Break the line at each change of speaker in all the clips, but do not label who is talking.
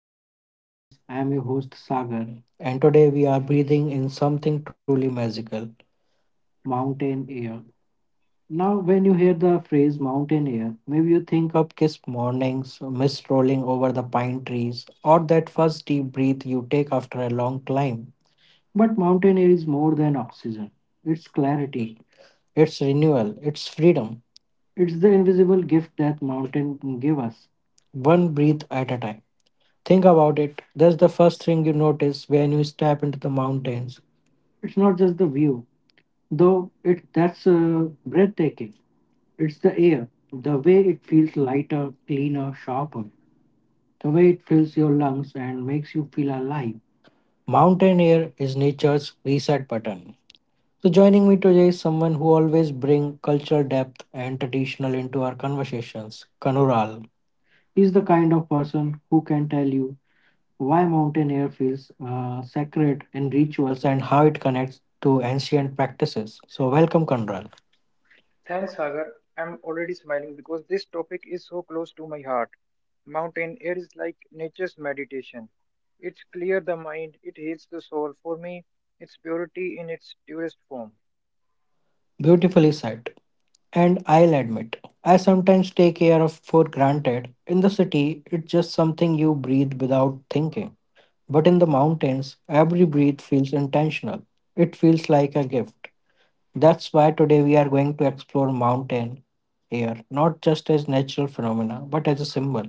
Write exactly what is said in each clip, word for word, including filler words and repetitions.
welcome to Talk with Viz. I am your host Sagar, and today we are breathing in something truly magical mountain air. Now, when you hear the phrase mountain air, maybe you think of crisp mornings, mist rolling over the pine trees, or that first deep breath you take after a long climb. But mountain air is more than oxygen, it's clarity, it's renewal, it's freedom. It's the invisible gift that mountain give us, one breath at a time. Think about it. That's the first thing you notice when you step into the mountains. It's not just the view, though it that's uh, breathtaking. It's the air, the way it feels lighter, cleaner, sharper, the way it fills your lungs and makes you feel alive. Mountain air is nature's reset button. So joining me today is someone who always bring cultural depth and traditional into our conversations, Kanural. He's the kind of person who can tell you why mountain air feels uh, sacred in rituals and how it connects to ancient practices. So, welcome, Conral.
Thanks, Sagar. I'm already smiling because this topic is so close to my heart. Mountain air is like nature's meditation. It clears the mind, it heals the soul. For me, it's purity in its purest form.
Beautifully said. And I'll admit, I sometimes take air of for granted. In the city, it's just something you breathe without thinking. But in the mountains, every breath feels intentional. It feels like a gift. That's why today we are going to explore mountain air, not just as natural phenomena, but as a symbol.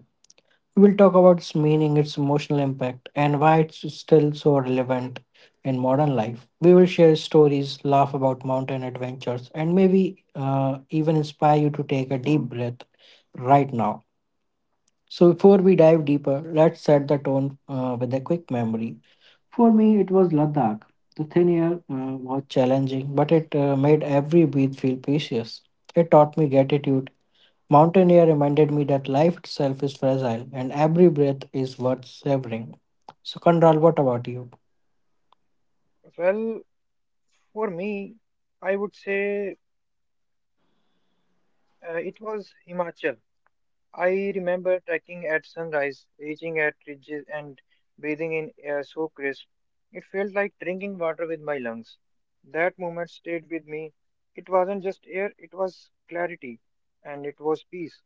We'll talk about its meaning, its emotional impact, and why it's still so relevant in modern life. We will share stories, laugh about mountain adventures, and maybe uh, even inspire you to take a deep breath right now. So, before we dive deeper, let's set the tone uh, with a quick memory. For me, it was Ladakh. The thin air uh, was challenging, but it uh, made every breath feel precious. It taught me gratitude. Mountain air reminded me that life itself is fragile and every breath is worth savoring. So, Kandral, what about you?
Well, for me, I would say uh, it was Himachal. I remember trekking at sunrise, reaching at ridges and breathing in air so crisp. It felt like drinking water with my lungs. That moment stayed with me. It wasn't just air, it was clarity and it was peace.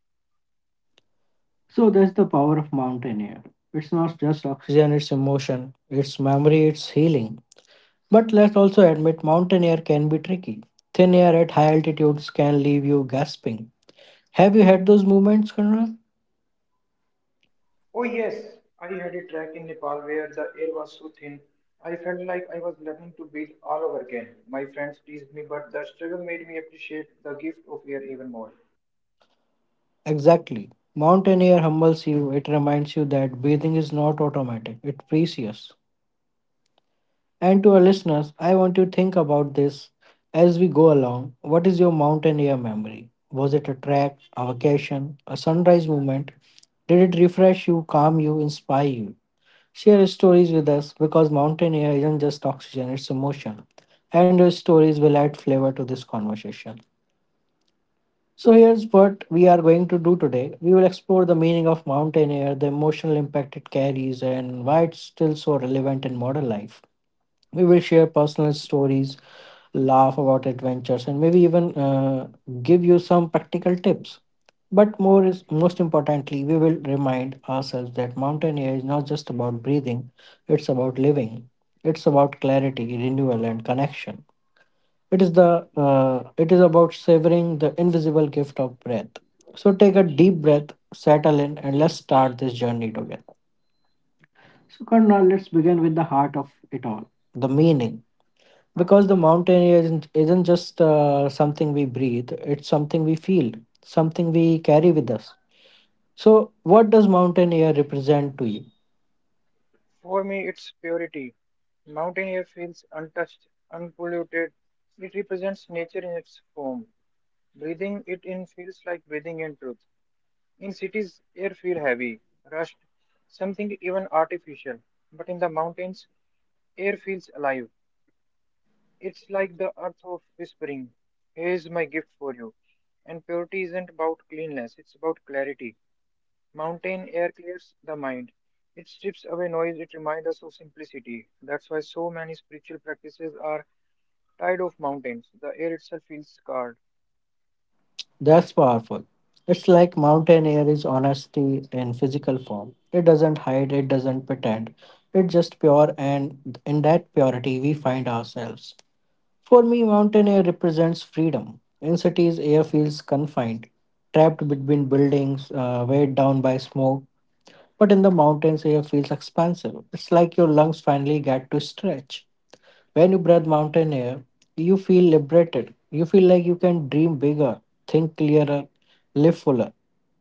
So that's the power of mountain air. It's not just oxygen, it's emotion, it's memory, it's healing. But let's also admit mountain air can be tricky. Thin air at high altitudes can leave you gasping. Have you had those moments, Conrad?
Oh, yes, I had a trek in Nepal where the air was so thin. I felt like I was learning to breathe all over again. My friends teased me, but the struggle made me appreciate the gift of air even more.
Exactly. Mountain air humbles you, it reminds you that breathing is not automatic, it's precious. And to our listeners, I want you to think about this as we go along. What is your mountain air memory? Was it a trek, a vacation, a sunrise moment? Did it refresh you, calm you, inspire you? Share your stories with us because mountain air isn't just oxygen, it's emotion. And your stories will add flavor to this conversation. So, here's what we are going to do today. We will explore the meaning of mountain air, the emotional impact it carries, and why it's still so relevant in modern life. We will share personal stories, laugh about adventures, and maybe even uh, give you some practical tips. But more is most importantly, we will remind ourselves that mountain air is not just about breathing, it's about living. It's about clarity, renewal, and connection. It is the uh, it is about savoring the invisible gift of breath. So take a deep breath, settle in, and let's start this journey together. So Karna, let's begin with the heart of it all. The meaning, because the mountain isn't, isn't just uh, something we breathe, it's something we feel, something we carry with us. So what does mountain air represent to you?
For me, it's purity. Mountain air feels untouched, unpolluted. It represents nature in its form. Breathing it in feels like breathing in truth. In cities, air feels heavy, rushed, something even artificial. But in the mountains, air feels alive. It's like the earth of whispering, "Here's my gift for you." And purity isn't about cleanliness, it's about clarity. Mountain air clears the mind. It strips away noise, it reminds us of simplicity. That's why so many spiritual practices are tied of mountains. The air itself feels scarred.
That's powerful. It's like mountain air is honesty in physical form. It doesn't hide, it doesn't pretend. It's just pure, and in that purity we find ourselves. For me mountain air represents freedom. In cities air feels confined, trapped between buildings, uh, weighed down by smoke. But in the mountains, air feels expansive. It's like your lungs finally get to stretch. When you breathe mountain air, you feel liberated. You feel like you can dream bigger, think clearer, live fuller.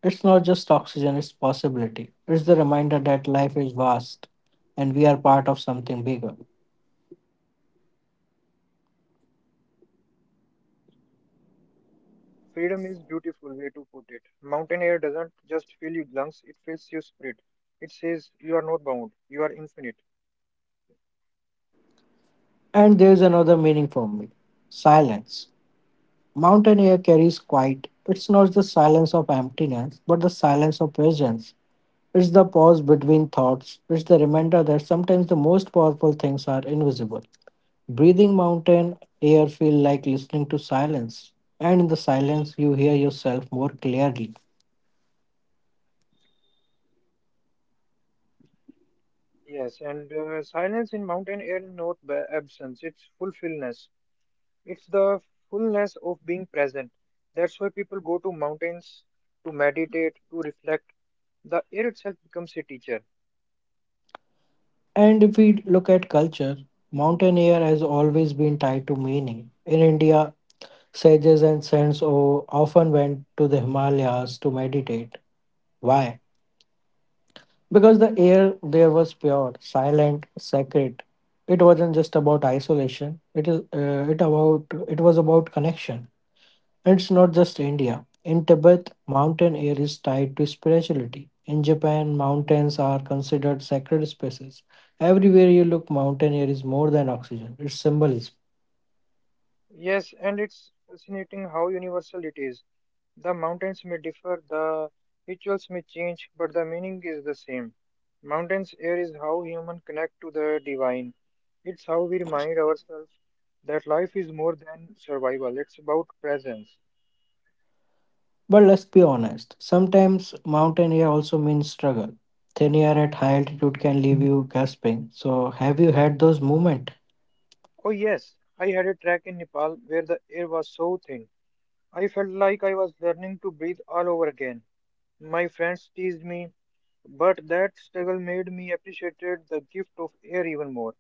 It's not just oxygen, it's possibility. It's the reminder that life is vast and we are part of something bigger.
Yes, and uh, freedom is beautiful way to put it. Mountain air doesn't just fill your lungs, it fills your spirit. It says you are not bound, you are infinite.
And there's another meaning for me: silence. Mountain air carries quiet. It's not the silence of emptiness, but the silence of presence. It's the pause between thoughts. It's the reminder that sometimes the most powerful things are invisible. Breathing mountain air feel like listening to silence. And in the silence, you hear yourself more clearly.
Yes, and uh, silence in mountain air is not ba- absence, it's fulfillment. It's the fullness of being present. That's why people go to mountains to meditate, to reflect. The air itself becomes a teacher.
And if we look at culture, mountain air has always been tied to meaning. In India, sages and saints o- often went to the Himalayas to meditate. Why? Because the air there was pure, silent, sacred. It wasn't just about isolation. It is uh, it about it was about connection. And it's not just India. In Tibet, mountain air is tied to spirituality. In Japan, mountains are considered sacred spaces. Everywhere you look, mountain air is more than oxygen. It's symbolism.
Yes, and it's fascinating how universal it is. The mountains may differ, the rituals may change, but the meaning is the same. Mountains air is how humans connect to the divine. It's how we remind ourselves that life is more than survival. It's about presence.
But let's be honest. Sometimes mountain air also means struggle. Thin air at high altitude can leave you gasping. So have you had those moments?
Oh yes, I had a trek in Nepal where the air was so thin. I felt like I was learning to breathe all over again. My friends teased me, but that struggle made me appreciate the gift of air even more.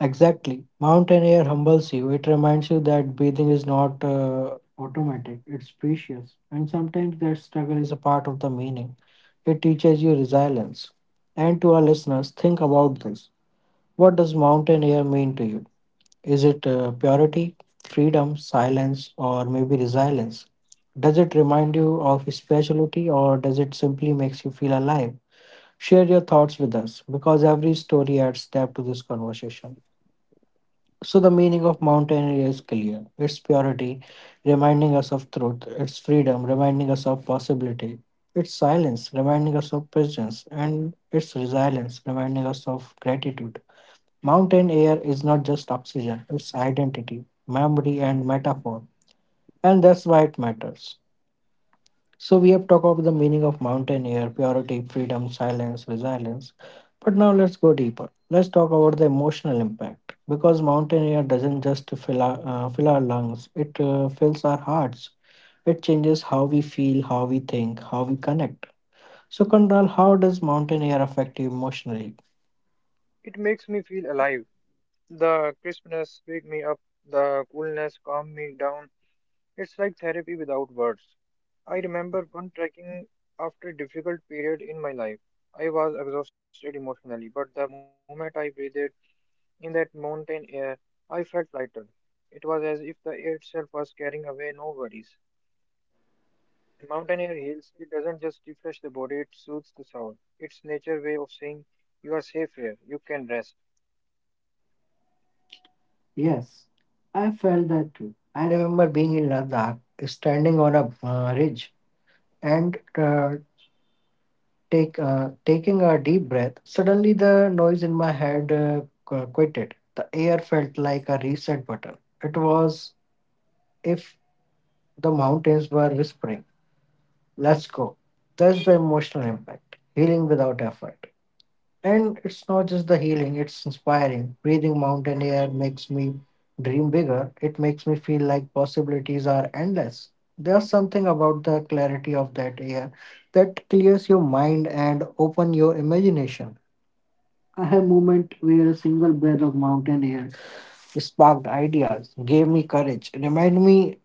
Exactly. Mountain air humbles you. It reminds you that breathing is not uh, automatic, it's precious. And sometimes that struggle is a part of the meaning. It teaches you resilience. And to our listeners, think about this. What does mountain air mean to you? Is it uh, purity, freedom, silence, or maybe resilience? Does it remind you of speciality or does it simply makes you feel alive? Share your thoughts with us because every story adds depth to this conversation. So the meaning of mountain area is clear. It's purity, reminding us of truth. It's freedom, reminding us of possibility. It's silence, reminding us of presence. And it's resilience, reminding us of gratitude. Mountain air is not just oxygen, it's identity, memory, and metaphor. And that's why it matters. So we have talked about the meaning of mountain air, purity, freedom, silence, resilience. But now let's go deeper. Let's talk about the emotional impact because mountain air doesn't just fill our, uh, fill our lungs; it uh, fills our hearts. It changes how we feel, how we think, how we connect. So, Kandral, how does mountain air affect you emotionally?
It makes me feel alive. The crispness wake me up, the coolness calm me down. It's like therapy without words. I remember one trekking after a difficult period in my life. I was exhausted emotionally, but the moment I breathed in that mountain air, I felt lighter. It was as if the air itself was carrying away no worries. Mountain air heals, it doesn't just refresh the body, it soothes the soul. It's nature's way of saying you are safe here, you can rest.
Yes, I felt that too. I remember being in Ladakh, standing on a uh, ridge, and uh, Take, uh, taking a deep breath, suddenly the noise in my head uh, qu- quieted. The air felt like a reset button. It was if the mountains were whispering, let's go. That's the emotional impact. Healing without effort. And it's not just the healing, it's inspiring. Breathing mountain air makes me dream bigger. It makes me feel like possibilities are endless. There's something about the clarity of that air that clears your mind and open your imagination. I have moment where a single breath of mountain air sparked ideas, gave me courage, remind me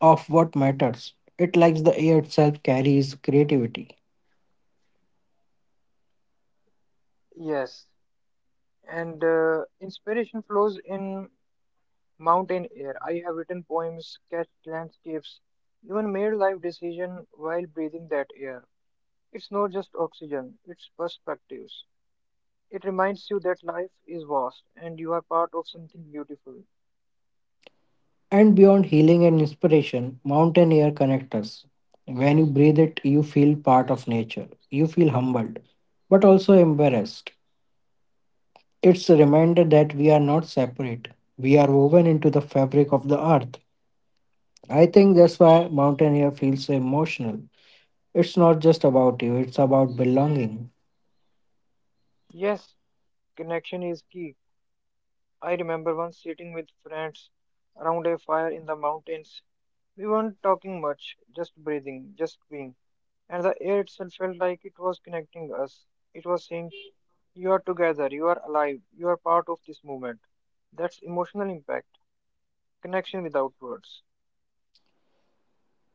of what matters. It likes the air itself carries creativity.
Yes, and uh, inspiration flows in mountain air. I have written poems, sketched landscapes, even made life decisions while breathing that air. It's not just oxygen, it's perspectives. It reminds you that life is vast and you are part of something beautiful.
And beyond healing and inspiration, mountain air connects us. When you breathe it, you feel part of nature. You feel humbled, but also embarrassed. It's a reminder that we are not separate. We are woven into the fabric of the earth. I think that's why mountain air feels so emotional. It's not just about you, it's about belonging.
Yes, connection is key. I remember once sitting with friends around a fire in the mountains. We weren't talking much, just breathing, just being. And the air itself felt like it was connecting us. It was saying, "You are together, you are alive, you are part of this movement." That's emotional impact, connection without words.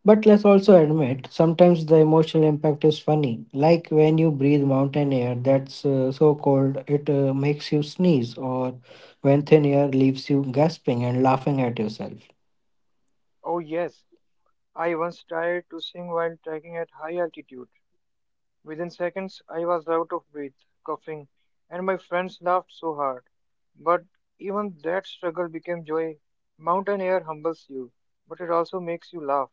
But let's also admit, sometimes the emotional impact is funny. Like when you breathe mountain air that's uh, so cold it uh, makes you sneeze, or when thin air leaves you gasping and laughing at yourself.
Oh, yes, I once tried to sing while trekking at high altitude. Within seconds, I was out of breath, coughing, and my friends laughed so hard. But even that struggle became joy. Mountain air humbles you, but it also makes you laugh.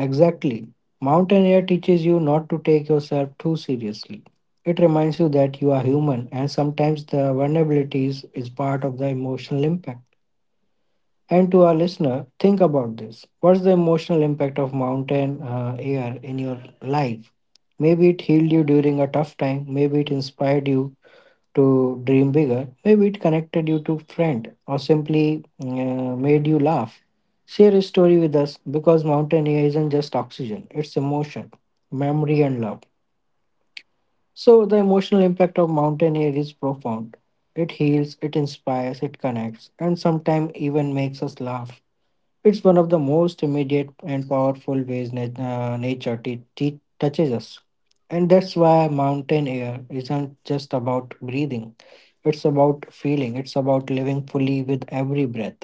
Exactly. Mountain air teaches you not to take yourself too seriously. It reminds you that you are human and sometimes the vulnerabilities is part of the emotional impact. And to our listener, think about this. What's the emotional impact of mountain uh, air in your life? Maybe it healed you during a tough time. Maybe it inspired you to dream bigger. Maybe it connected you to friend or simply uh, made you laugh. Share a story with us because mountain air isn't just oxygen, it's emotion, memory, and love. So, the emotional impact of mountain air is profound. It heals, it inspires, it connects, and sometimes even makes us laugh. It's one of the most immediate and powerful ways nat- uh, nature t- t- touches us. And that's why mountain air isn't just about breathing, it's about feeling, it's about living fully with every breath.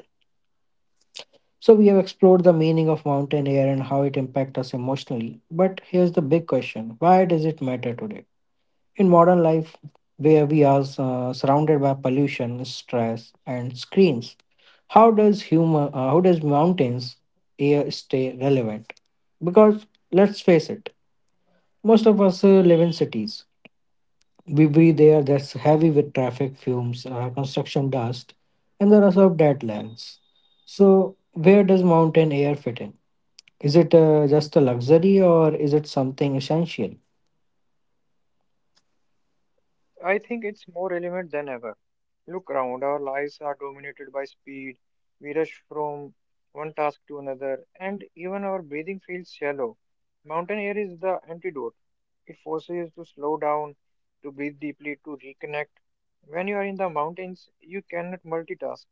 So, we have explored the meaning of mountain air and how it impacts us emotionally. But here's the big question: why does it matter today, in modern life where we are uh, surrounded by pollution, stress and screens? How does human uh, how does mountains air stay relevant? Because let's face it, most of us uh, live in cities. We breathe air that's heavy with traffic fumes, uh, construction dust, and the rest of deadlands. So where does mountain air fit in? Is it uh, just a luxury or is it something essential?
I think it's more relevant than ever. Look around, our lives are dominated by speed. We rush from one task to another, and even our breathing feels shallow. Mountain air is the antidote. It forces you to slow down, to breathe deeply, to reconnect. When you are in the mountains, you cannot multitask.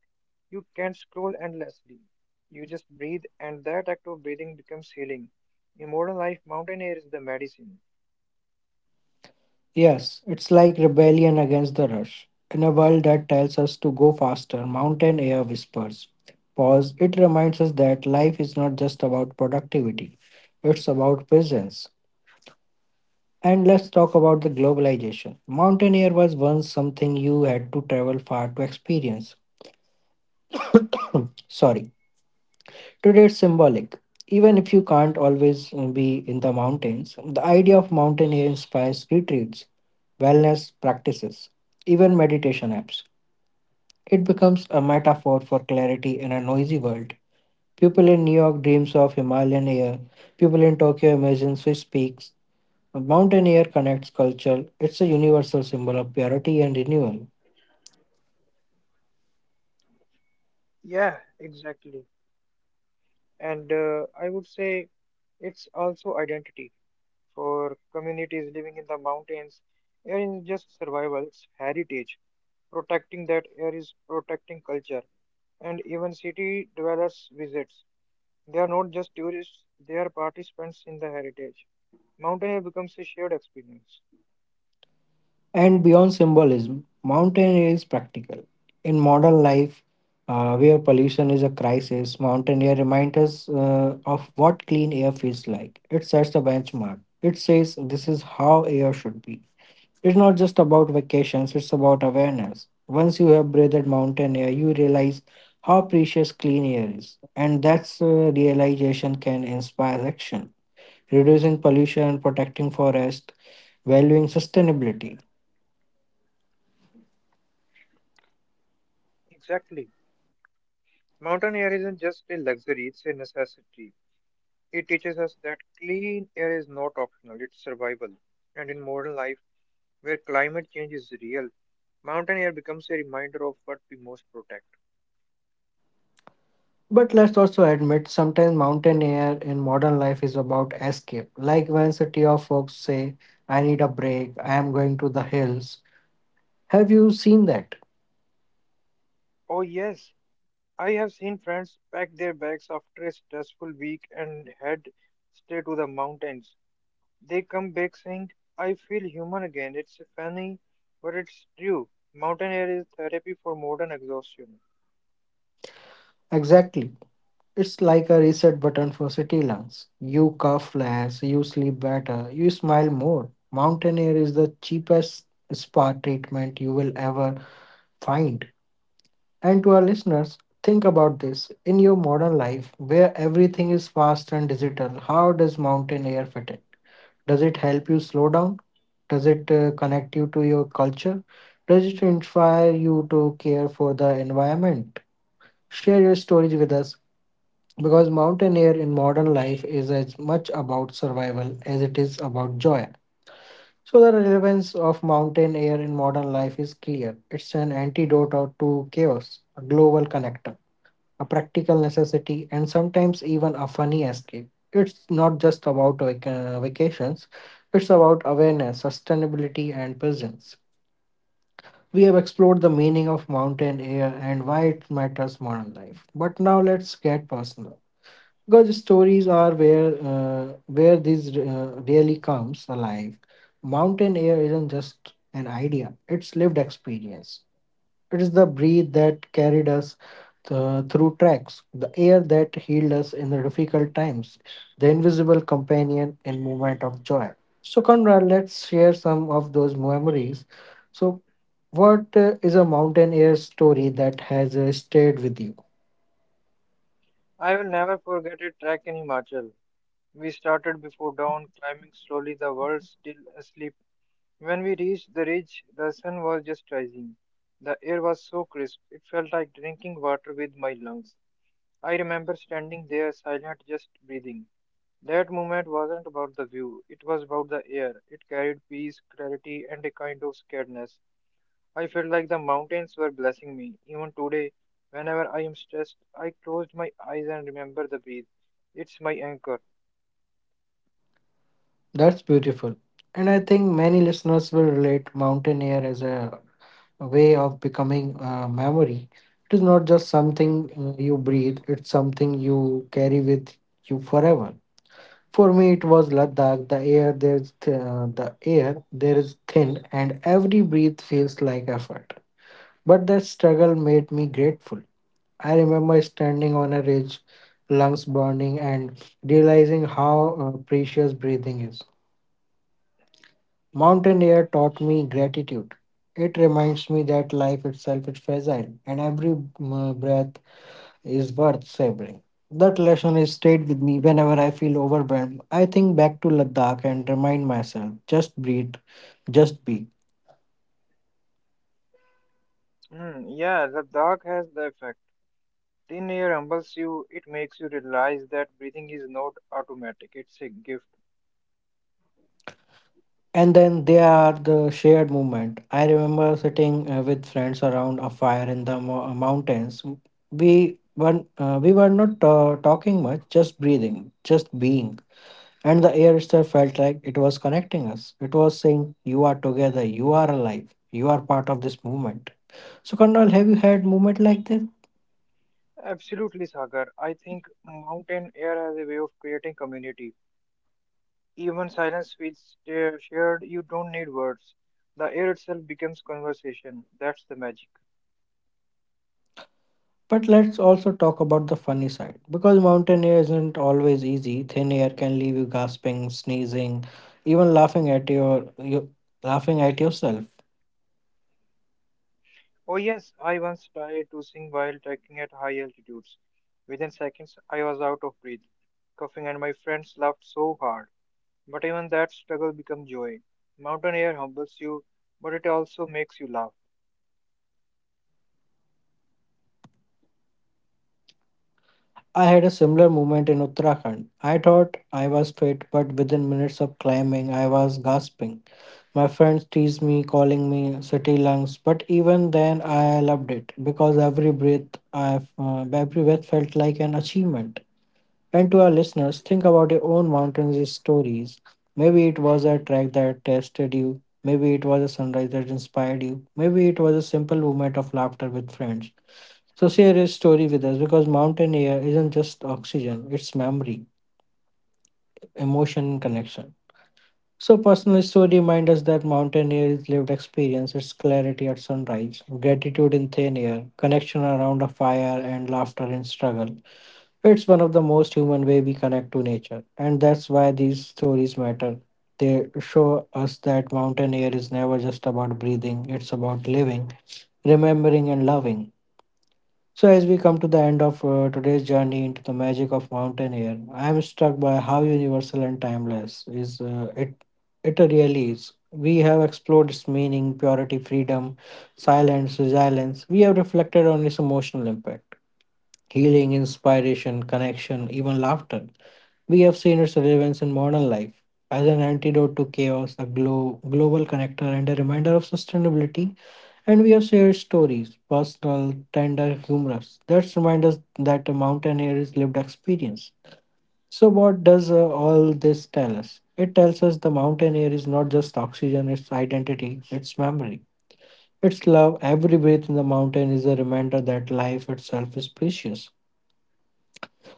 You can't scroll endlessly. You just breathe, and that act of breathing becomes healing. In modern life, mountain air is the medicine.
Yes, it's like rebellion against the rush. In a world that tells us to go faster, mountain air whispers. Pause, it reminds us that life is not just about productivity, it's about presence. And let's talk about the globalization. Mountain air was once something you had to travel far to experience. Sorry, today it's symbolic. Even if you can't always uh, be in the mountains, the idea of mountain air inspires retreats, wellness practices, even meditation apps. It becomes a metaphor for clarity in a noisy world. People in New York dreams of Himalayan air. People in Tokyo imagine Swiss peaks. Mountain air connects culture. It's a universal symbol of purity and renewal.
Yeah, exactly. And uh, I would say it's also identity for communities living in the mountains. Air is just survival, it's heritage. Protecting that air is protecting culture. And even city dwellers visits. They are not just tourists, they are participants in the heritage. Mountain air becomes a shared experience.
And beyond symbolism, mountain air is practical. In modern life, uh, where pollution is a crisis, mountain air reminds us uh, of what clean air feels like. It sets a benchmark. It says this is how air should be. It's not just about vacations, it's about awareness. Once you have breathed mountain air, you realize how precious clean air is. And that's uh, realization can inspire action. Reducing pollution, protecting forest, valuing sustainability.
Exactly. Mountain air isn't just a luxury, it's a necessity. It teaches us that clean air is not optional, it's survival. And in modern life, where climate change is real, mountain air becomes a reminder of what we most protect.
But let's also admit sometimes mountain air in modern life is about escape. Like when city of folks say, I need a break, I am going to the hills. Have you seen that?
Oh, yes, I have seen friends pack their bags after a stressful week and head straight to the mountains. They come back saying, "I feel human again." It's funny, but it's true. Mountain air is therapy for modern exhaustion.
Exactly. It's like a reset button for city lungs. You cough less, you sleep better, you smile more. Mountain air is the cheapest spa treatment you will ever find. And to our listeners, think about this. In your modern life, where everything is fast and digital, how does mountain air fit in? Does it help you slow down? Does it uh, connect you to your culture? Does it inspire you to care for the environment? Share your stories with us because mountain air in modern life is as much about survival as it is about joy. So, the relevance of mountain air in modern life is clear. It's an antidote out to chaos, a global connector, a practical necessity, and sometimes even a funny escape. It's not just about vac- uh, vacations, it's about awareness, sustainability, and presence. We have explored the meaning of mountain air and why it matters modern life. But now let's get personal, because stories are where uh, where this uh, really comes alive. Mountain air isn't just an idea, it's lived experience. It is the breath that carried us uh, through tracks, the air that healed us in the difficult times, the invisible companion in moment of joy. So, Conrad, let's share some of those memories. So, what uh, is a mountain air story that has uh, stayed with you?
I will never forget a trek in Himachal. We started before dawn, climbing slowly, the world still asleep. When we reached the ridge, the sun was just rising. The air was so crisp, it felt like drinking water with my lungs. I remember standing there silent, just breathing. That moment wasn't about the view, it was about the air. It carried peace, clarity, and a kind of scaredness. I felt like the mountains were blessing me. Even today, whenever I am stressed, I closed my eyes and remember the breath. It's my anchor.
That's beautiful. And I think many listeners will relate mountain air as a, a way of becoming a memory. It is not just something uh, you breathe, it's something you carry with you forever. For me, it was Ladakh. The air there's th- uh, the air there is thin, and every breath feels like effort. But that struggle made me grateful. I remember standing on a ridge, lungs burning, and realizing how uh, precious breathing is. Mountain air taught me gratitude. It reminds me that life itself is fragile and every mm, breath is worth savoring. That lesson has stayed with me whenever I feel overwhelmed. I think back to Ladakh and remind myself just breathe, just be.
Hmm, yeah, the dark has the effect. Thin air humbles you, it makes you realize that breathing is not automatic, it's a gift.
And then there are the shared moment. I remember sitting uh, with friends around a fire in the mo- uh, mountains. We were, uh, we were not uh, talking much, just breathing, just being. And the air itself felt like it was connecting us. It was saying, you are together, you are alive, you are part of this movement. So, Kandral, have you had movement like this?
Absolutely, Sagar. I think mountain air has a way of creating community. Even silence feels uh, shared, you don't need words. The air itself becomes conversation. That's the magic.
But let's also talk about the funny side. Because mountain air isn't always easy, thin air can leave you gasping, sneezing, even laughing at your you, laughing at yourself.
Oh, yes, I once tried to sing while trekking at high altitudes. Within seconds, I was out of breath, coughing, and my friends laughed so hard. But even that struggle becomes joy. Mountain air humbles you, but it also makes you laugh.
I had a similar moment in Uttarakhand. I thought I was fit, but within minutes of climbing, I was gasping. My friends teased me, calling me city lungs, but even then, I loved it because every breath, I uh, every breath felt like an achievement. And to our listeners, think about your own mountains stories. Maybe it was a track that tested you. Maybe it was a sunrise that inspired you. Maybe it was a simple moment of laughter with friends. So share your story with us because mountain air isn't just oxygen; it's memory, emotion, and connection. So, personal story reminds us that mountaineer is lived experience, its clarity at sunrise, gratitude in thin air, connection around a fire, and laughter in struggle. It's one of the most human way we connect to nature, and that's why these stories matter. They show us that mountain air is never just about breathing; it's about living, remembering, and loving. So, as we come to the end of uh, today's journey into the magic of mountain air, I am struck by how universal and timeless is uh, it. It really is. We have explored its meaning, purity, freedom, silence, resilience. We have reflected on its emotional impact, healing, inspiration, connection, even laughter. We have seen its relevance in modern life as an antidote to chaos, a glo- global connector, and a reminder of sustainability. And we have shared stories, personal, tender, humorous. That remind us that a mountaineer is lived experience. So, what does uh, all this tell us? It tells us the mountain air is not just oxygen, it's identity, it's memory, it's love. Every breath in the mountain is a reminder that life itself is precious.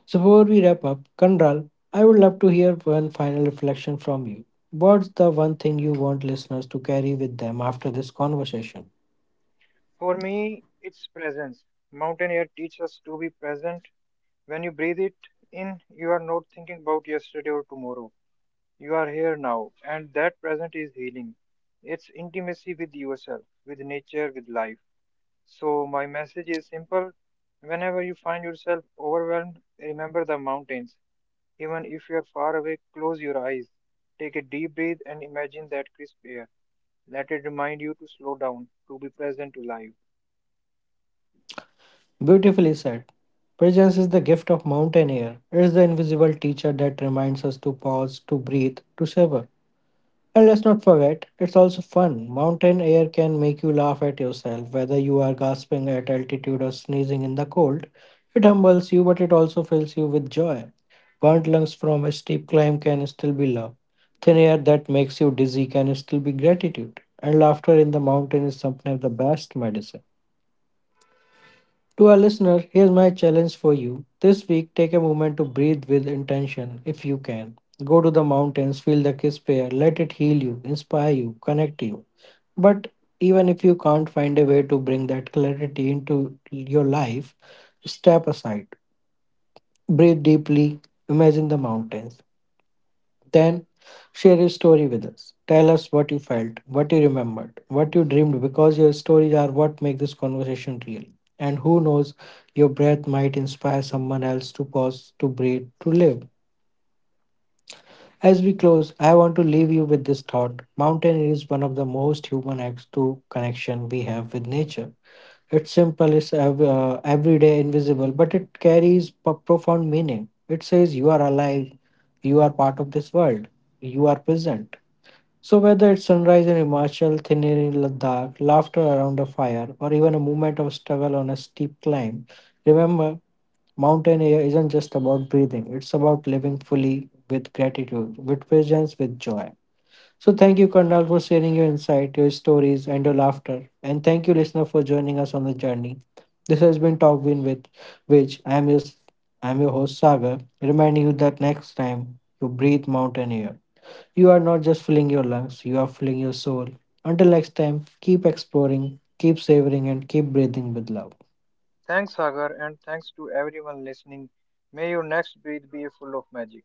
So before we wrap up, Kanral, I would love to hear one final reflection from you. What's the one thing you want listeners to carry with them after this conversation?
For me, it's presence. Mountain air teaches us to be present. When you breathe it in, you are not thinking about yesterday or tomorrow. You are here now, and that present is healing. It's intimacy with yourself, with nature, with life. So, my message is simple. Whenever you find yourself overwhelmed, remember the mountains. Even if you're far away, close your eyes. Take a deep breath and imagine that crisp air. Let it remind you to slow down, to be present, to life.
Beautifully said. Presence is the gift of mountain air. It is the invisible teacher that reminds us to pause, to breathe, to savor. And let's not forget, it's also fun. Mountain air can make you laugh at yourself, whether you are gasping at altitude or sneezing in the cold. It humbles you, but it also fills you with joy. Burnt lungs from a steep climb can still be love. Thin air that makes you dizzy can still be gratitude. And laughter in the mountain is sometimes the best medicine. To our listener, here's my challenge for you. This week, take a moment to breathe with intention. If you can, go to the mountains, feel the crisp air, let it heal you, inspire you, connect you. But even if you can't, find a way to bring that clarity into your life, step aside, breathe deeply, imagine the mountains, then share your story with us. Tell us what you felt, what you remembered, what you dreamed, because your stories are what make this conversation real. And who knows, your breath might inspire someone else to pause, to breathe, to live. As we close, I want to leave you with this thought. Mountain is one of the most human acts to connection we have with nature. It's simple, it's ev- uh, everyday, invisible, but it carries p- profound meaning. It says you are alive, you are part of this world, you are present. So, whether it's sunrise in Himachal, thin air in Ladakh, laughter around a fire, or even a moment of struggle on a steep climb, remember mountain air isn't just about breathing, it's about living fully with gratitude, with presence, with joy. So, thank you, Karnal, for sharing your insight, your stories, and your laughter. And thank you, listener, for joining us on the journey. This has been Talk Win with which I am your, I am your host, Sagar, reminding you that next time you breathe mountain air. You are not just filling your lungs, you are filling your soul. Until next time, keep exploring, keep savoring, and keep breathing with love.
Thanks, Sagar, and thanks to everyone listening. May your next breath be full of magic.